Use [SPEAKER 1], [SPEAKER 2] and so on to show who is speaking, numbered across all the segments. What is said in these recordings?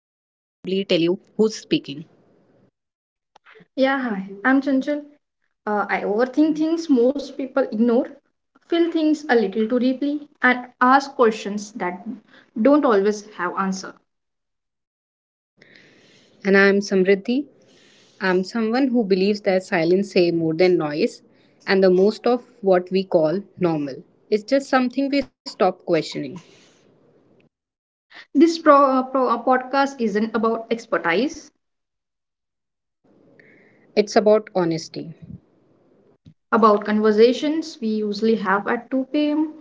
[SPEAKER 1] probably tell you who's speaking.
[SPEAKER 2] Yeah, hi. I'm Chanchal. I overthink things most people ignore, feel things a little too deeply, and ask questions that don't always have answer.
[SPEAKER 1] And I'm Samriddhi. I'm someone who believes that silence say more than noise, and the most of what we call normal. It's just something we stop questioning.
[SPEAKER 2] This podcast isn't about expertise,
[SPEAKER 1] It's about honesty.
[SPEAKER 2] about conversations we usually have at 2 p.m.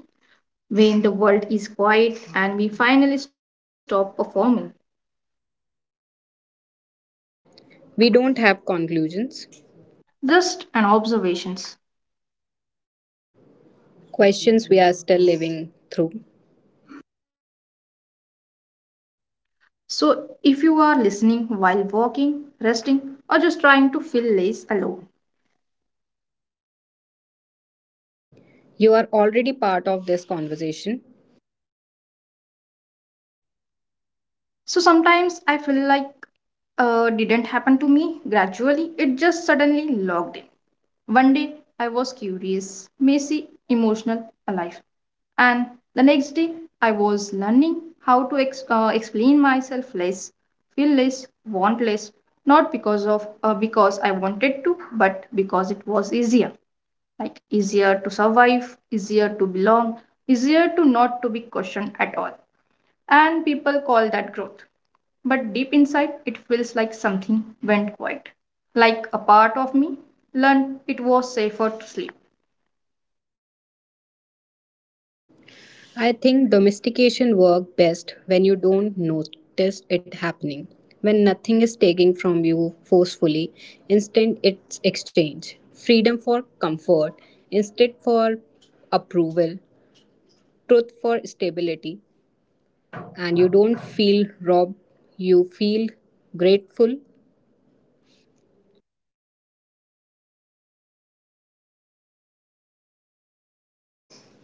[SPEAKER 2] when the world is quiet and we finally stop performing.
[SPEAKER 1] We don't have conclusions,
[SPEAKER 2] Just an observations.
[SPEAKER 1] questions we are still living through.
[SPEAKER 2] So if you are listening while walking, resting, or just trying to feel less alone,
[SPEAKER 1] You are already part of this conversation.
[SPEAKER 2] so sometimes I feel like didn't happen to me gradually, it just suddenly logged in. One day I was curious, messy, emotional, alive. And the next day I was learning how to explain myself less, feel less, want less, not because I wanted to, but because it was easier. Like easier to survive, easier to belong, easier to not to be questioned at all, and people call that growth. But deep inside, it feels like something went quiet. Like a part of me learned it was safer to sleep.
[SPEAKER 1] I think domestication work best when you don't notice it happening. When nothing is taken from you forcefully, instead it's exchange. Freedom for comfort, instead for approval, truth for stability, and you don't feel robbed, you feel grateful.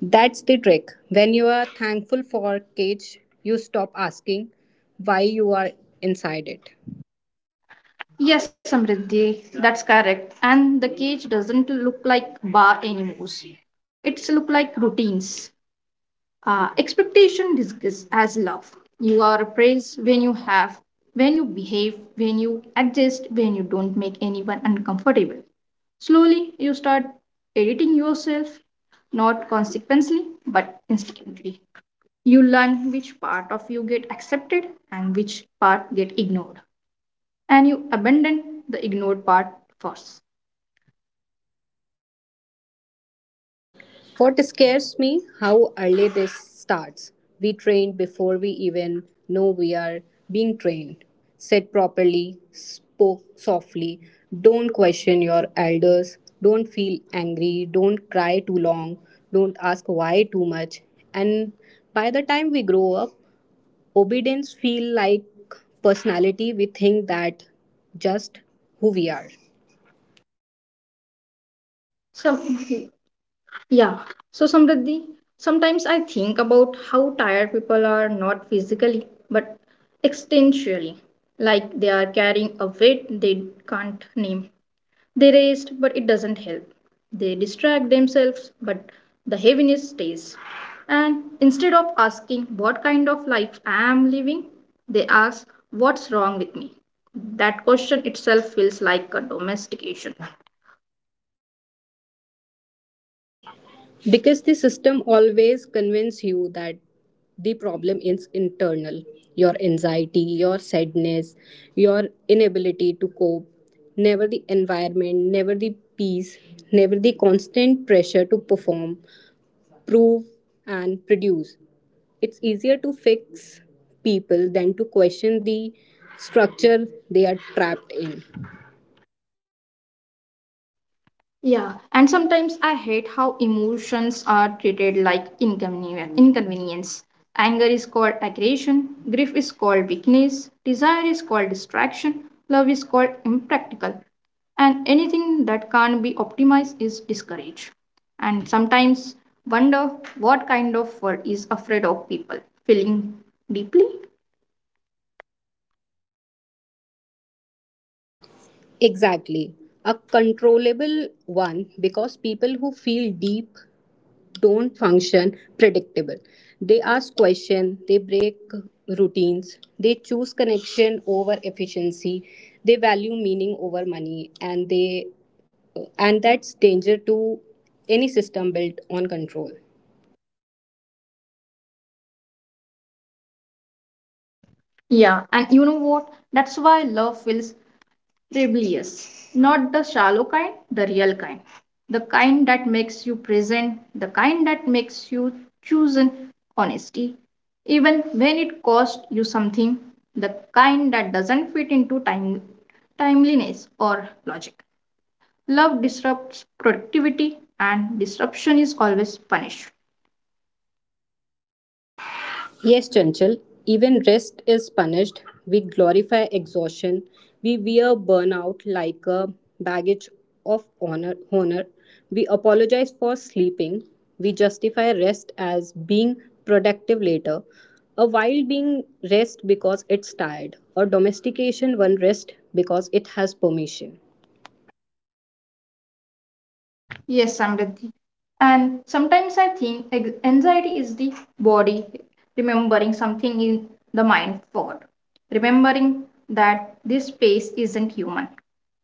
[SPEAKER 1] That's the trick. When you are thankful for cage, you stop asking why you are inside it.
[SPEAKER 2] Yes, Samriddhi, that's correct. And the cage doesn't look like bar anymore. It's look like routines. Expectation disguised as love, you are praised when you have, when you behave, when you adjust, when you don't make anyone uncomfortable, slowly you start editing yourself, not consequently but instinctively, you learn which part of you get accepted and which part get ignored, and you abandon the ignored part first.
[SPEAKER 1] What scares me? How early this starts. We train before we even know we are being trained. Sit properly, spoke softly, don't question your elders, don't feel angry, don't cry too long, don't ask why too much. And by the time we grow up, obedience feel like personality. We think that just who we are.
[SPEAKER 2] So yeah. So, Samriddhi, sometimes I think about how tired people are, not physically but existentially, like they are carrying a weight they can't name. They rest, but it doesn't help. They distract themselves, but the heaviness stays. And instead of asking what kind of life I am living, they ask what's wrong with me. That question itself feels like a domestication.
[SPEAKER 1] Because the system always convinces you that the problem is internal, your anxiety, your sadness, your inability to cope, never the environment, never the peace, never the constant pressure to perform, prove, and produce. It's easier to fix people than to question the structure they are trapped in.
[SPEAKER 2] Yeah, and sometimes I hate how emotions are treated like inconvenience. Anger is called aggression, grief is called weakness, desire is called distraction, love is called impractical, and anything that can't be optimized is discouraged. And sometimes wonder what kind of world is afraid of people feeling deeply.
[SPEAKER 1] Exactly. A controllable one, because people who feel deep don't function predictable. They ask questions, they break routines, they choose connection over efficiency, they value meaning over money, and they and that's danger to any system built on control.
[SPEAKER 2] Yeah, and you know what? That's why love feels rebellious, not the shallow kind, the real kind, the kind that makes you present, the kind that makes you chosen honesty, even when it costs you something, the kind that doesn't fit into time, timeliness or logic. Love disrupts productivity, and disruption is always punished.
[SPEAKER 1] Yes, Chanchal, even rest is punished. We glorify exhaustion. We wear burnout like a baggage of honor. We apologize for sleeping. We justify rest as being productive later. A wild being rest because it's tired. A domestication one rest because it has permission.
[SPEAKER 2] Yes, Samriddhi. And sometimes I think anxiety is the body remembering something in the mind forgot. Remembering that this space isn't human.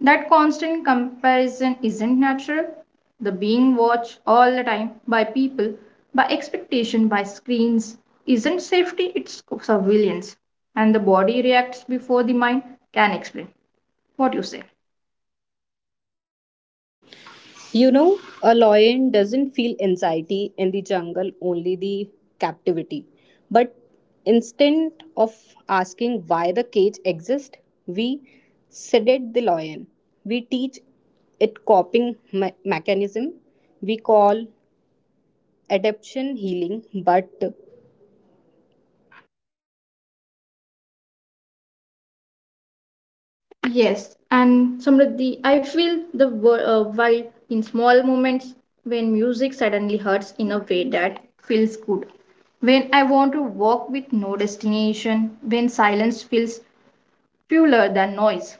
[SPEAKER 2] That constant comparison isn't natural. The being watched all the time by people, by expectation, by screens isn't safety, it's surveillance. And the body reacts before the mind can explain. What you say?
[SPEAKER 1] You know, a lion doesn't feel anxiety in the jungle, only the captivity. But instead of asking why the cage exists, we sedate the lion. We teach it coping mechanism. We call adaptation healing, but
[SPEAKER 2] Yes, and Samriddhi, I feel the while in small moments when music suddenly hurts in a way that feels good. When I want to walk with no destination, when silence feels fuller than noise.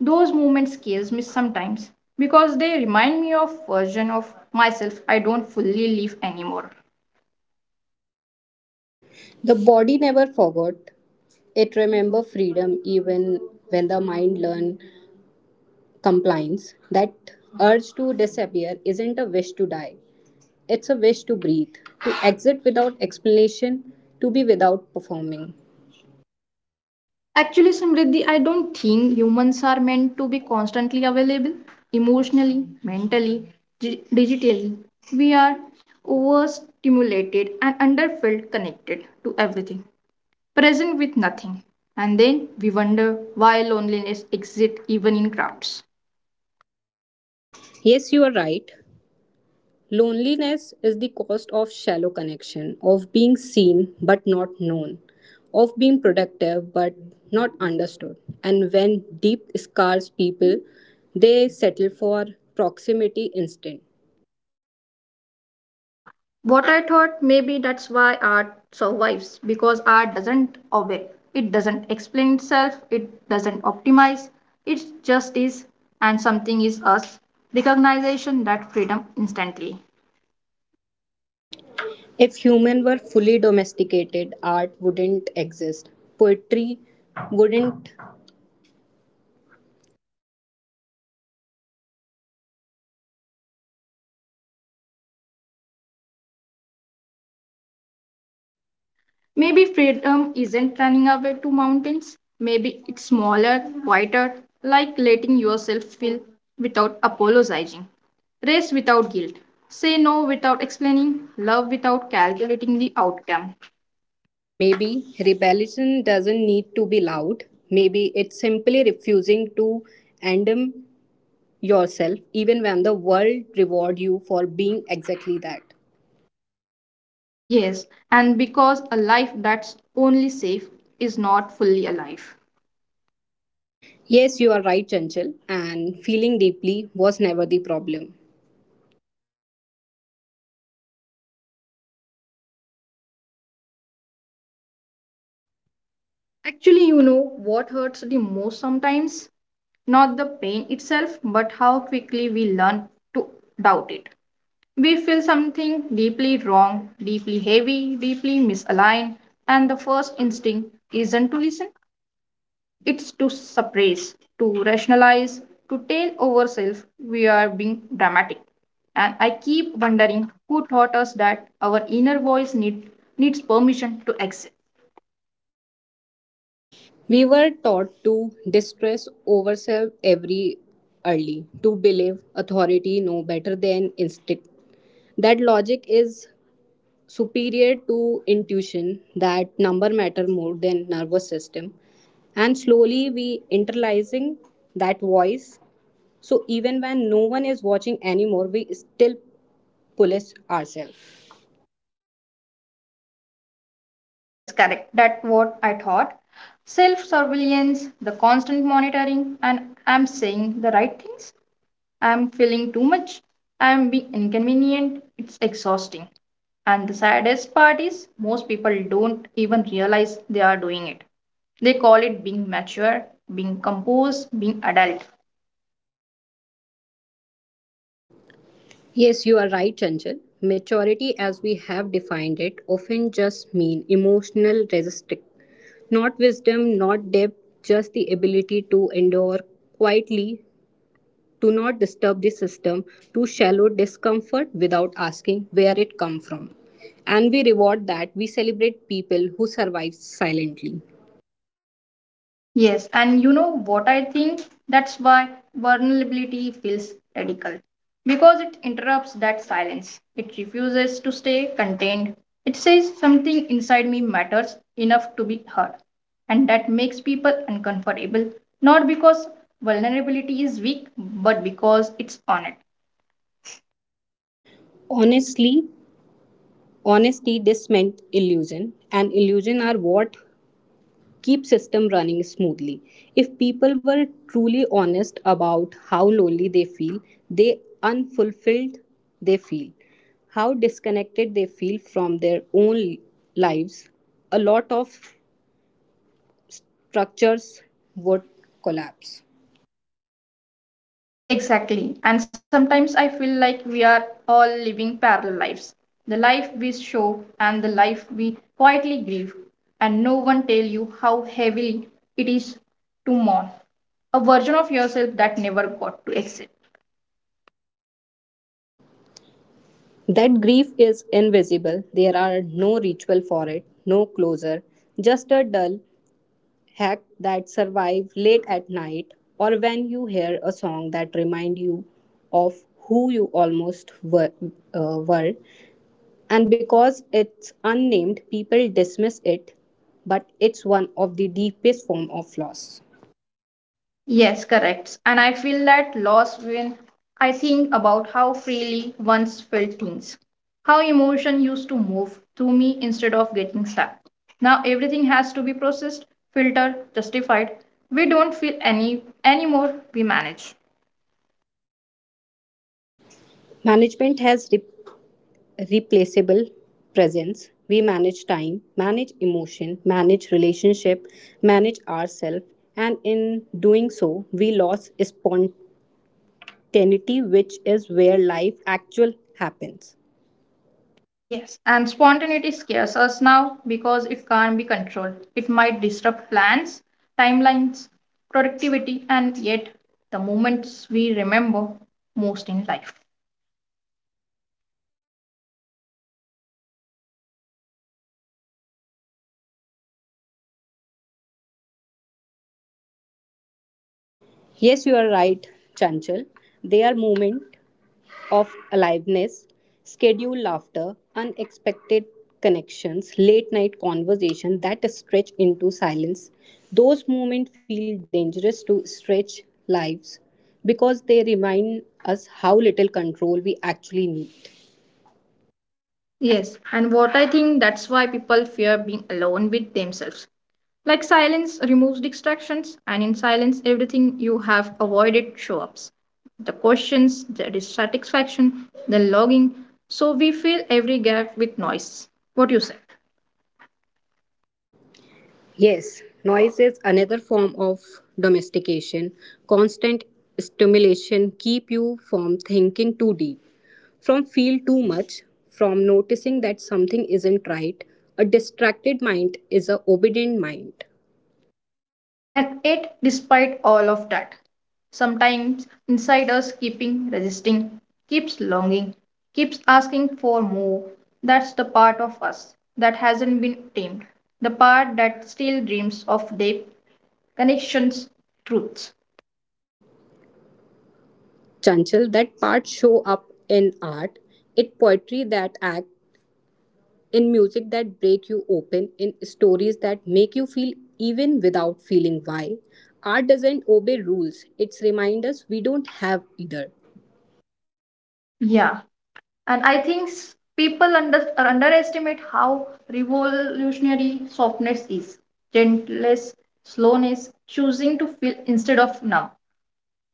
[SPEAKER 2] Those moments scares me sometimes because they remind me of version of myself I don't fully live anymore.
[SPEAKER 1] the body never forgot. It remember freedom even when the mind learn compliance. That urge to disappear isn't a wish to die. It's a wish to breathe, to exit without explanation, to be without performing.
[SPEAKER 2] Actually, Samriddhi, I don't think humans are meant to be constantly available emotionally, mentally, digitally. We are overstimulated and underfilled, connected to everything, present with nothing. And then we wonder why loneliness exists even in crowds.
[SPEAKER 1] Yes, you are right. Loneliness is the cost of shallow connection, of being seen but not known, of being productive but not understood. And when deep scars people, they settle for proximity instinct.
[SPEAKER 2] Yeah. What I thought maybe that's why art survives, because art doesn't obey. It doesn't explain itself, it doesn't optimize. It just is, and something is us. Recognition that freedom instantly.
[SPEAKER 1] If human were fully domesticated, art wouldn't exist. Poetry wouldn't.
[SPEAKER 2] Maybe freedom isn't running away to mountains. Maybe it's smaller, quieter, like letting yourself feel without apologizing. Race without guilt. Say no without explaining. Love without calculating the outcome.
[SPEAKER 1] Maybe rebellion doesn't need to be loud. Maybe it's simply refusing to endem yourself even when the world reward you for being exactly that.
[SPEAKER 2] Yes, and because a life that's only safe is not fully alive.
[SPEAKER 1] Yes, you are right, Chanchal, and feeling deeply was never the problem.
[SPEAKER 2] Actually, you know what hurts the most sometimes? Not the pain itself, but how quickly we learn to doubt it. We feel something deeply wrong, deeply heavy, deeply misaligned, and the first instinct isn't to listen, it's to suppress, to rationalize, to tell ourselves we are being dramatic. And I keep wondering who taught us that our inner voice needs permission to exist.
[SPEAKER 1] We were taught to distress ourselves every early, to believe authority know better than instinct. That logic is superior to intuition, that number matter more than nervous system, and slowly we internalizing that voice, so even when no one is watching anymore we still police ourselves.
[SPEAKER 2] Yes, correct. That's what I thought. Self surveillance, the constant monitoring, and I'm saying the right things. I'm feeling too much. I'm being inconvenient. It's exhausting. And the saddest part is, most people don't even realize they are doing it. They call it being mature, being composed, being adult.
[SPEAKER 1] Yes, you are right, Chanchal, maturity as we have defined it often just mean emotional resistance, not wisdom, not depth, just the ability to endure quietly. Do not disturb the system, to shallow discomfort without asking where it come from. And we reward that, we celebrate people who survive silently.
[SPEAKER 2] Yes, and you know what I think? That's why vulnerability feels radical. Because it interrupts that silence. It refuses to stay contained. It says something inside me matters enough to be heard. And that makes people uncomfortable, not because vulnerability is weak, but because it's honest.
[SPEAKER 1] Honestly, honesty dismantle illusion, and illusion are what keep system running smoothly. If people were truly honest about how lonely they feel, they unfulfilled they feel, how disconnected they feel from their own lives, a lot of structures would collapse.
[SPEAKER 2] Exactly. And sometimes I feel like we are all living parallel lives. The life we show and the life we quietly grieve. And no one tell you how heavily it is to mourn. A version of yourself that never got to exist.
[SPEAKER 1] That grief is invisible. There are no ritual for it, no closure, just a dull hack that survive late at night or when you hear a song that remind you of who you almost were. And because it's unnamed, people dismiss it, but it's one of the deepest form of loss.
[SPEAKER 2] Yes, correct. And I feel that loss when I think about how freely once felt things, how emotion used to move through me instead of getting stuck. Now everything has to be processed, filtered, justified. We don't feel any anymore, we manage.
[SPEAKER 1] Management has replaceable presence. We manage time, manage emotion, manage relationship, manage ourselves, and in doing so we lose spontaneity, which is where life actual happens.
[SPEAKER 2] Yes, and spontaneity scares us now because it can't be controlled. It might disrupt plans, timelines, productivity, and yet the moments we remember most in life.
[SPEAKER 1] Yes, you are right, Chanchal. There are moments of aliveness, scheduled laughter, unexpected connections, late night conversation that stretch into silence. Those moments feel dangerous to stretch lives because they remind us how little control we actually need.
[SPEAKER 2] Yes, and what I think that's why people fear being alone with themselves. Like silence removes distractions, and in silence, everything you have avoided show up. The questions, the dissatisfaction, the longing. So we fill every gap with noise. What do you say?
[SPEAKER 1] Yes, noise is another form of domestication. Constant stimulation keep you from thinking too deep, from feel too much, from noticing that something isn't right. A distracted mind is a obedient mind.
[SPEAKER 2] And yet, despite all of that, sometimes inside us keeping resisting, keeps longing, keeps asking for more. That's the part of us that hasn't been tamed, the part that still dreams of depth, connections, truths.
[SPEAKER 1] Chanchal, that part show up in art, in poetry that act, in music that break you open, in stories that make you feel even without feeling why. Art doesn't obey rules, it's remind us we don't have either.
[SPEAKER 2] Yeah, and I think people underestimate how revolutionary softness is, gentleness, slowness, choosing to feel instead of numb.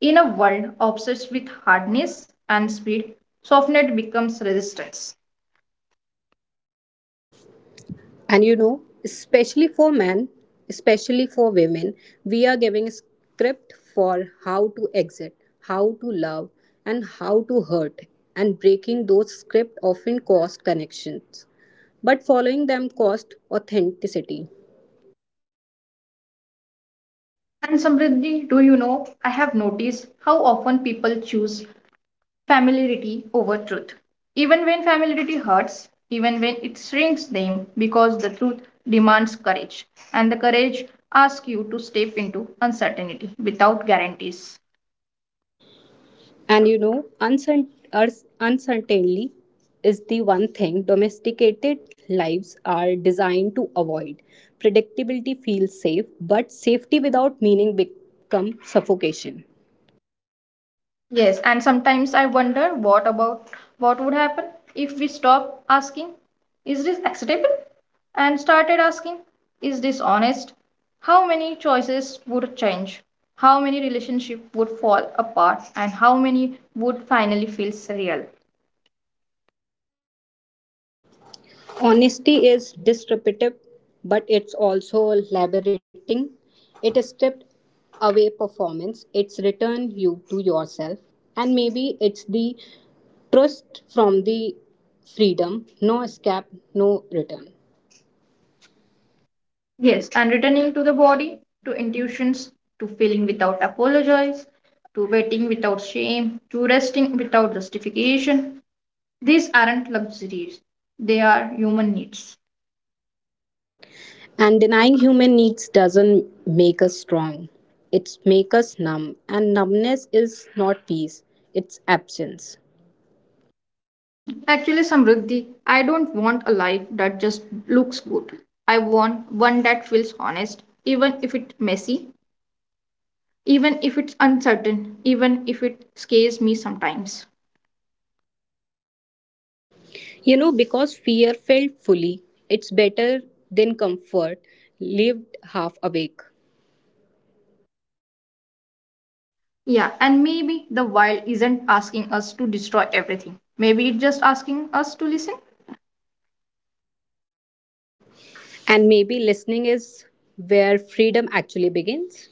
[SPEAKER 2] In a world obsessed with hardness and speed, softness becomes resistance.
[SPEAKER 1] And you know, especially for men, especially for women, we are giving a script for how to exit, how to love, and how to hurt. And breaking those scripts often cost connections, but following them cost authenticity.
[SPEAKER 2] And Samriddhi, do you know, I have noticed how often people choose familiarity over truth. Even when familiarity hurts, even when it shrinks them, because the truth demands courage. And the courage asks you to step into uncertainty without guarantees.
[SPEAKER 1] And you know, uncertainty is the one thing domesticated lives are designed to avoid. Predictability feels safe, but safety without meaning becomes suffocation.
[SPEAKER 2] Yes, and sometimes I wonder what would happen if we stop asking, is this acceptable? And started asking, is this honest? How many choices would change? How many relationships would fall apart? And how many would finally feel surreal?
[SPEAKER 1] Honesty is disruptive, but it's also liberating. It stripped away performance, it's return you to yourself, and maybe it's the trust from the freedom, no escape, no return.
[SPEAKER 2] Yes, and returning to the body, to intuitions, to feeling without apologize, to waiting without shame, to resting without justification. These aren't luxuries, they are human needs.
[SPEAKER 1] And denying human needs doesn't make us strong. It makes us numb. And numbness is not peace, it's absence.
[SPEAKER 2] Actually, Samruddhi, I don't want a life that just looks good. I want one that feels honest, even if it's messy, even if it's uncertain, even if it scares me sometimes.
[SPEAKER 1] You know, because fear felt fully, it's better than comfort lived half awake.
[SPEAKER 2] Yeah, and maybe the wild isn't asking us to destroy everything. Maybe it's just asking us to listen.
[SPEAKER 1] And maybe listening is where freedom actually begins.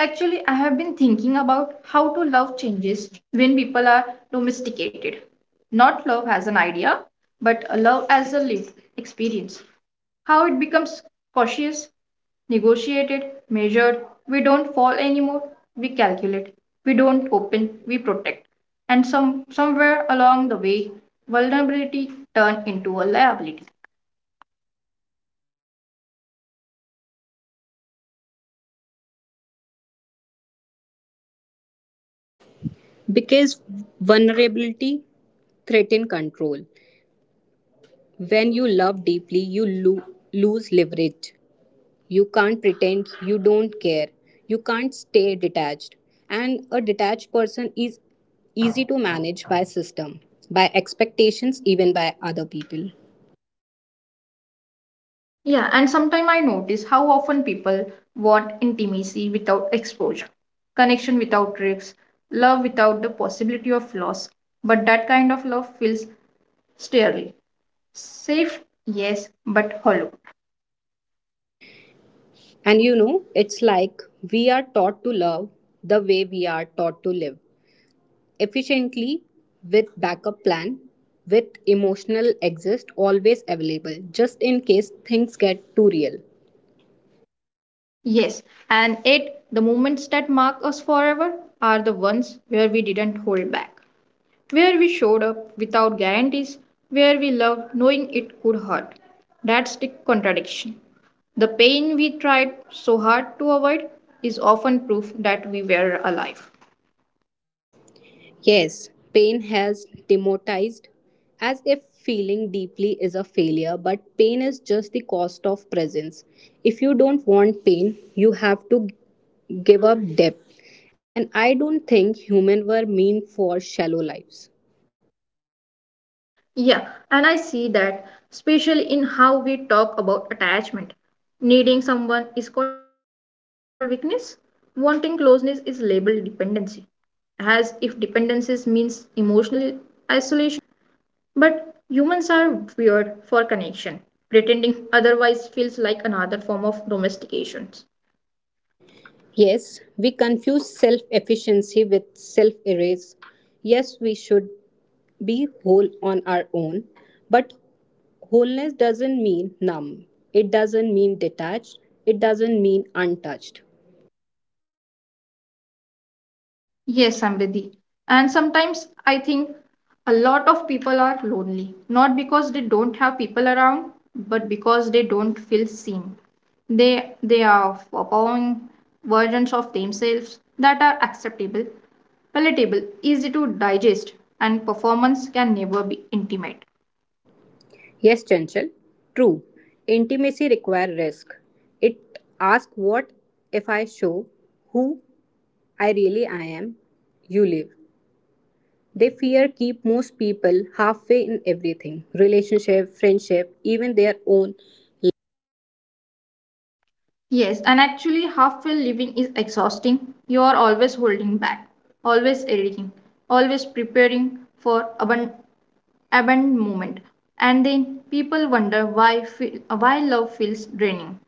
[SPEAKER 2] Actually, I have been thinking about how to love changes when people are domesticated. Not love as an idea, but a love as a lived experience. How it becomes cautious, negotiated, measured. We don't fall anymore, we calculate. We don't open, we protect. And somewhere along the way, vulnerability turned into a liability.
[SPEAKER 1] Because vulnerability threatens control. When you love deeply, you lose leverage. You can't pretend you don't care. You can't stay detached. And a detached person is easy to manage by system, by expectations, even by other people.
[SPEAKER 2] Yeah, and sometimes I notice how often people want intimacy without exposure, connection without risks, love without the possibility of loss. But that kind of love feels sterile. Safe, yes, but hollow.
[SPEAKER 1] And you know, it's like we are taught to love the way we are taught to live efficiently, with backup plan, with emotional exist always available just in case things get too real.
[SPEAKER 2] Yes, and it, the moments that mark us forever are the ones where we didn't hold back, where we showed up without guarantees, where we loved knowing it could hurt. That's the contradiction. The pain we tried so hard to avoid is often proof that we were alive.
[SPEAKER 1] Yes, pain has demotized, as if feeling deeply is a failure, but pain is just the cost of presence. If you don't want pain, you have to give up depth. And I don't think humans were meant for shallow lives.
[SPEAKER 2] Yeah, and I see that, especially in how we talk about attachment. Needing someone is called weakness, wanting closeness is labeled dependency, as if dependencies means emotional isolation. But humans are weird for connection. Pretending otherwise feels like another form of domestication.
[SPEAKER 1] Yes, we confuse self efficiency with self erase. Yes, we should be whole on our own. But wholeness doesn't mean numb, it doesn't mean detached, it doesn't mean untouched.
[SPEAKER 2] Yes, Samriddhi. And sometimes I think a lot of people are lonely, not because they don't have people around, but because they don't feel seen. They are following versions of themselves that are acceptable, palatable, easy to digest, and performance can never be intimate.
[SPEAKER 1] Yes, Chanchal, true. Intimacy requires risk. It asks what if I show who I really I am, you live. They fear keep most people halfway in everything, relationship, friendship, even their own.
[SPEAKER 2] Yes, and actually, half filled living is exhausting. You are always holding back, always editing, always preparing for abandoned moment. And then people wonder why love feels draining.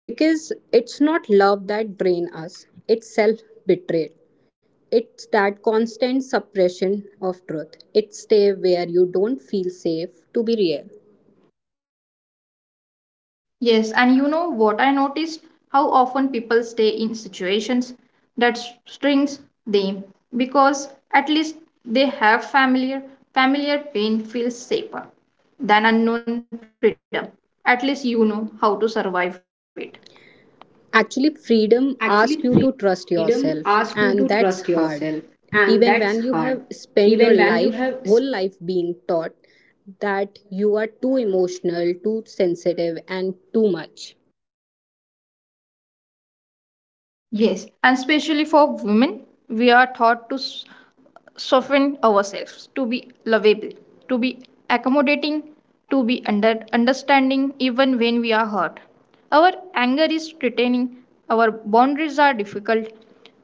[SPEAKER 1] Because it's not love that drains us, it's self betrayal. It's that constant suppression of truth. It's stay where you don't feel safe to be real.
[SPEAKER 2] Yes, and you know what I noticed? How often people stay in situations that strings them because at least they have familiar pain feels safer than unknown freedom. At least you know how to survive it.
[SPEAKER 1] Actually, freedom asks you to trust yourself, and that's hard. Even when you have spent your life, whole life being taught that you are too emotional, too sensitive, and too much.
[SPEAKER 2] Yes, and especially for women, we are taught to soften ourselves, to be lovable, to be accommodating, to be understanding even when we are hurt. Our anger is threatening, our boundaries are difficult,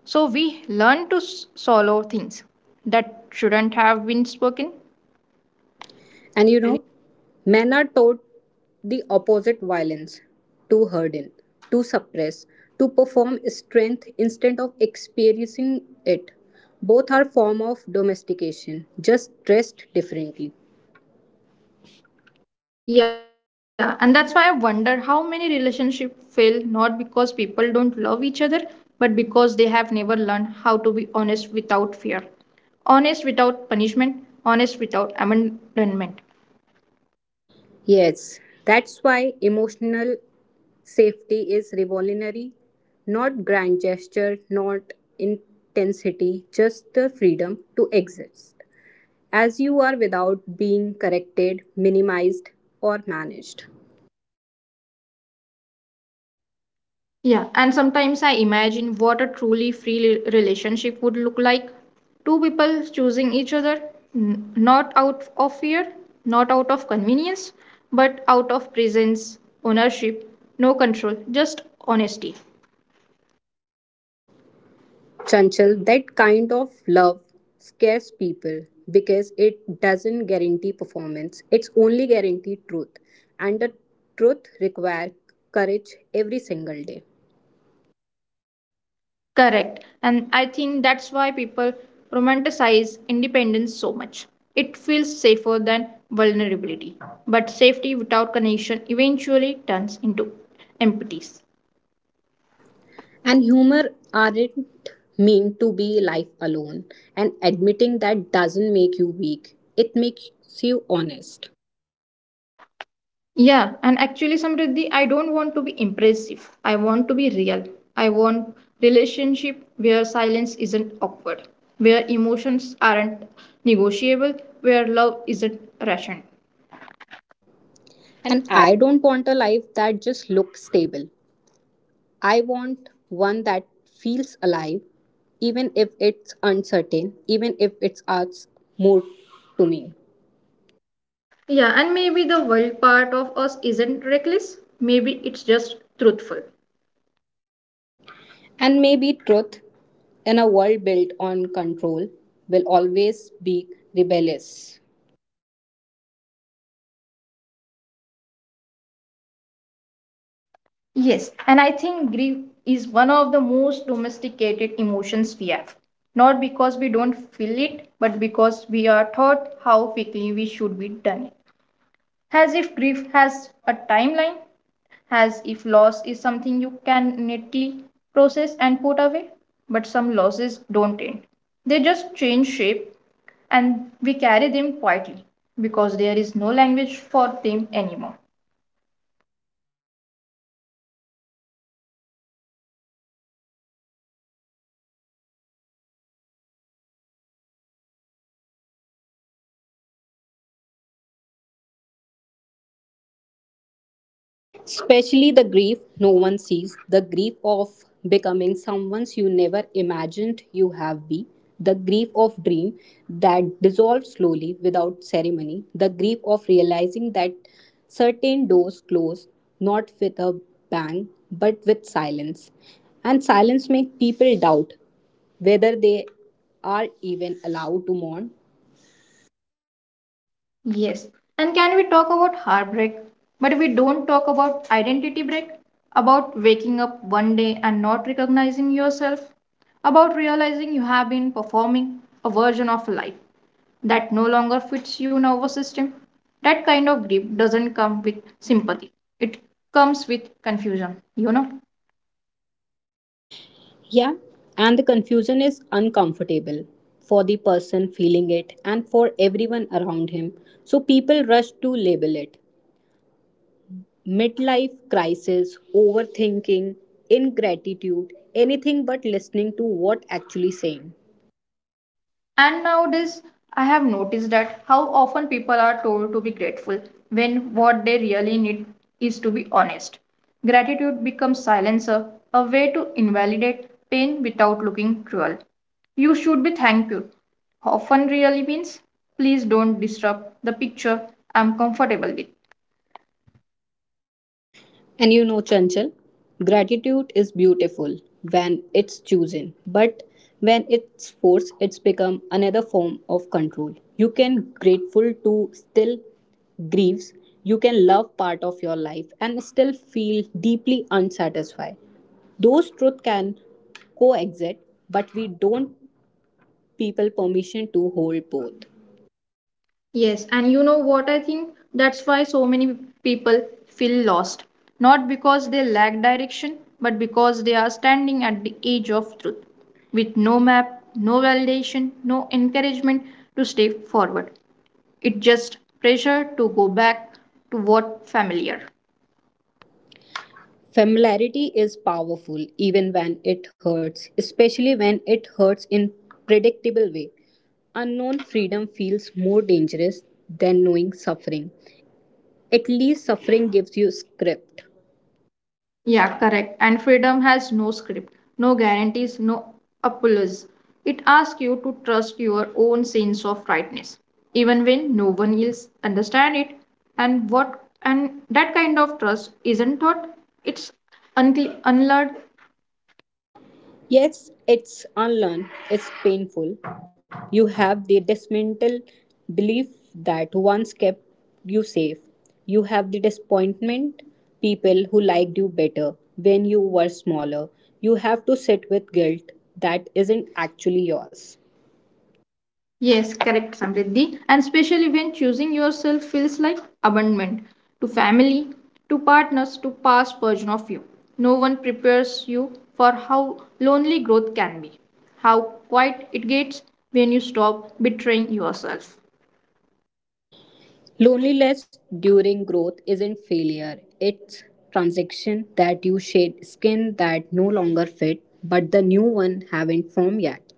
[SPEAKER 2] so we learn to swallow things that shouldn't have been spoken.
[SPEAKER 1] And you know, men are taught the opposite violence, to harden, to suppress, to perform strength instead of experiencing it. Both are form of domestication, just dressed differently.
[SPEAKER 2] Yeah, and that's why I wonder how many relationships fail not because people don't love each other, but because they have never learned how to be honest without fear, honest without punishment, honest without abandonment.
[SPEAKER 1] Yes, that's why emotional safety is revolutionary, not grand gesture, not intensity, just the freedom to exist as you are without being corrected, minimized, or managed.
[SPEAKER 2] Yeah, and sometimes I imagine what a truly free relationship would look like. Two people choosing each other, not out of fear, not out of convenience, but out of presence, ownership, no control, just honesty.
[SPEAKER 1] Chanchal, that kind of love scares people because it doesn't guarantee performance, it's only guarantee truth. And the truth requires courage every single day.
[SPEAKER 2] Correct. And I think that's why people romanticize independence so much. It feels safer than vulnerability. But safety without connection eventually turns into emptiness.
[SPEAKER 1] And humor aren't meant to be life alone. And admitting that doesn't make you weak. It makes you honest.
[SPEAKER 2] Yeah, and actually, Samriddhi, I don't want to be impressive. I want to be real. I want relationship where silence isn't awkward, where emotions aren't negotiable, where love isn't rational. And
[SPEAKER 1] And I don't want a life that just looks stable. I want one that feels alive, even if it's uncertain, even if it adds more to me.
[SPEAKER 2] Yeah, and maybe the wild part of us isn't reckless. Maybe it's just truthful.
[SPEAKER 1] And maybe truth in a world built on control will always be rebellious.
[SPEAKER 2] Yes, and I think grief is one of the most domesticated emotions we have. Not because we don't feel it, but because we are taught how quickly we should be done it, as if grief has a timeline, as if loss is something you can neatly process and put away. But some losses don't end, they just change shape and we carry them quietly because there is no language for them anymore.
[SPEAKER 1] Especially the grief no one sees, the grief of becoming someone you never imagined you have be, the grief of dream that dissolves slowly without ceremony, the grief of realizing that certain doors close not with a bang but with silence. And silence makes people doubt whether they are even allowed to mourn.
[SPEAKER 2] Yes, and can we talk about heartbreak? But we don't talk about identity break, about waking up one day and not recognizing yourself, about realizing you have been performing a version of life that no longer fits your nervous system. That kind of grief doesn't come with sympathy, it comes with confusion, you know.
[SPEAKER 1] Yeah, and the confusion is uncomfortable for the person feeling it and for everyone around him. So people rush to label it midlife crisis, overthinking, ingratitude, anything but listening to what actually saying.
[SPEAKER 2] And nowadays, I have noticed that how often people are told to be grateful when what they really need is to be honest. Gratitude becomes silencer, a way to invalidate pain without looking cruel. You should be thankful often really means please don't disrupt the picture I'm comfortable with.
[SPEAKER 1] And you know, Chanchal, gratitude is beautiful when it's chosen, but when it's forced, it's become another form of control. You can grateful to still grieves. You can love part of your life and still feel deeply unsatisfied. Those truth can coexist, but we don't people permission to hold both.
[SPEAKER 2] Yes, and you know what I think? That's why so many people feel lost. Not because they lack direction, but because they are standing at the edge of truth, with no map, no validation, no encouragement to step forward. It's just pressure to go back to what familiar.
[SPEAKER 1] Familiarity is powerful even when it hurts, especially when it hurts in predictable way. Unknown freedom feels more dangerous than knowing suffering. At least suffering gives you script.
[SPEAKER 2] Yeah, correct. And freedom has no script, no guarantees, no apologies. It asks you to trust your own sense of rightness, even when no one else understands it. And that kind of trust isn't taught; it's unlearned.
[SPEAKER 1] Yes, it's unlearned, it's painful. You have the dismantled belief that once kept you safe. You have the disappointment, people who liked you better when you were smaller. You have to sit with guilt that isn't actually yours.
[SPEAKER 2] Yes, correct, Samriddhi. And especially when choosing yourself feels like abandonment to family, to partners, to past version of you. No one prepares you for how lonely growth can be, how quiet it gets when you stop betraying yourself.
[SPEAKER 1] Loneliness during growth isn't failure, it's transition that you shed skin that no longer fit, but the new one haven't formed yet.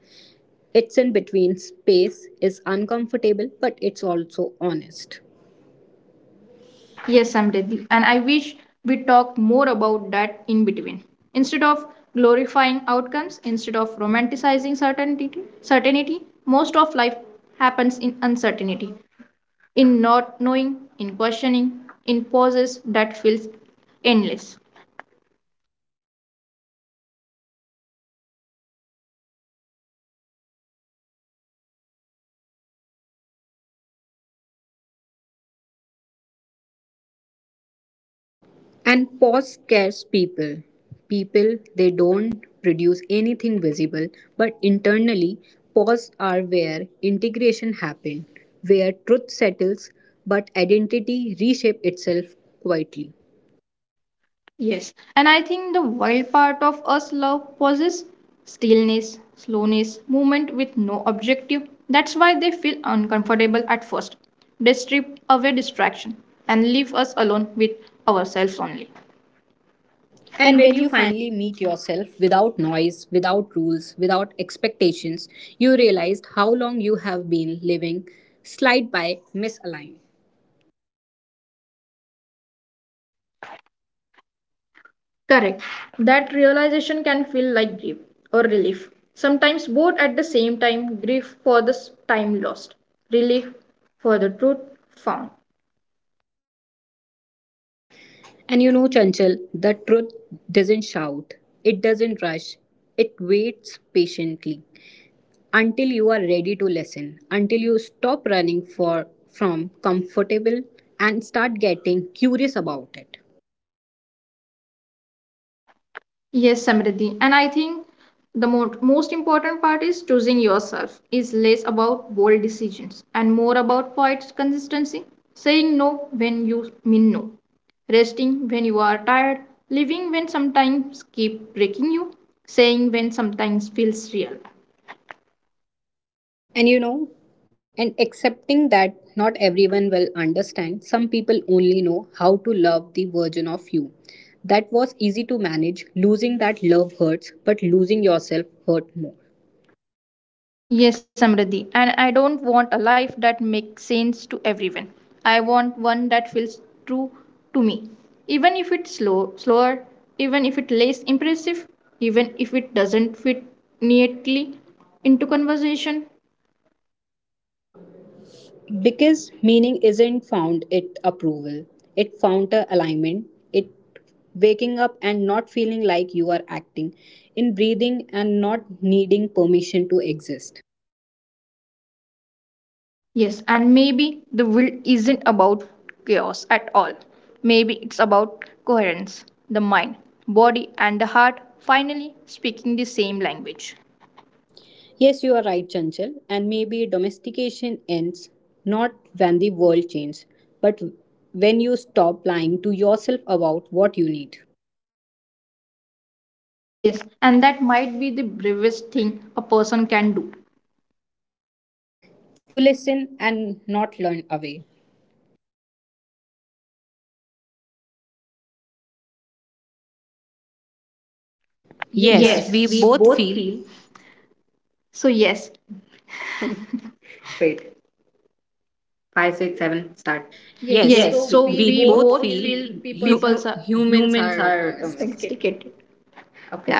[SPEAKER 1] Its in between space is uncomfortable, but it's also honest.
[SPEAKER 2] Yes, Samriddhi. And I wish we talked more about that in between. Instead of glorifying outcomes, instead of romanticizing certainty, most of life happens in uncertainty in not knowing, in questioning, in pauses that feels endless.
[SPEAKER 1] And pause scares people. People, they don't produce anything visible, but internally, pause are where integration happens, where truth settles, but identity reshape itself quietly.
[SPEAKER 2] Yes, and I think the wild part of us love pauses, stillness, slowness, movement with no objective. That's why they feel uncomfortable at first. They strip away distraction and leave us alone with ourselves only.
[SPEAKER 1] And when you finally meet yourself without noise, without rules, without expectations, you realize how long you have been living slide by misaligned.
[SPEAKER 2] Correct. That realization can feel like grief or relief. Sometimes both at the same time grief for the time lost, relief for the truth found.
[SPEAKER 1] And you know, Chanchal, the truth doesn't shout, it doesn't rush, it waits patiently until you are ready to listen, until you stop running for from comfortable and start getting curious about it.
[SPEAKER 2] Yes, Samriddhi. And I think the most important part is choosing yourself is less about bold decisions and more about quiet consistency, saying no when you mean no, resting when you are tired, living when sometimes keep breaking you, saying when sometimes feels real.
[SPEAKER 1] And you know, and accepting that not everyone will understand, some people only know how to love the version of you. That was easy to manage. Losing that love hurts, but losing yourself hurt more.
[SPEAKER 2] Yes, Samriddhi. And I don't want a life that makes sense to everyone. I want one that feels true to me. Even if it's slow, slower, even if it's less impressive, even if it doesn't fit neatly into conversation.
[SPEAKER 1] Because meaning isn't found it approval, it found a alignment, it waking up and not feeling like you are acting, in breathing and not needing permission to exist.
[SPEAKER 2] Yes, and maybe the will isn't about chaos at all. Maybe it's about coherence, the mind, body, and the heart finally speaking the same language.
[SPEAKER 1] Yes, you are right, Chanchal, and maybe domestication ends not when the world changes, but when you stop lying to yourself about what you need
[SPEAKER 2] Yes, and that might be the bravest thing a person can do.
[SPEAKER 1] to listen and not learn away. Yes,
[SPEAKER 2] Yes,
[SPEAKER 1] we
[SPEAKER 2] we Yes.
[SPEAKER 1] both
[SPEAKER 2] both
[SPEAKER 1] feel.
[SPEAKER 2] feel. So, yes, wait, five, six, seven, start. Yes,
[SPEAKER 1] Yes, Yes,
[SPEAKER 2] yes, so we-
[SPEAKER 1] we
[SPEAKER 2] we
[SPEAKER 1] both
[SPEAKER 2] both
[SPEAKER 1] feel
[SPEAKER 2] feel
[SPEAKER 1] hu-
[SPEAKER 2] people's are
[SPEAKER 1] humans
[SPEAKER 2] humans
[SPEAKER 1] are
[SPEAKER 2] are
[SPEAKER 1] domestic.
[SPEAKER 2] domesticated. Okay.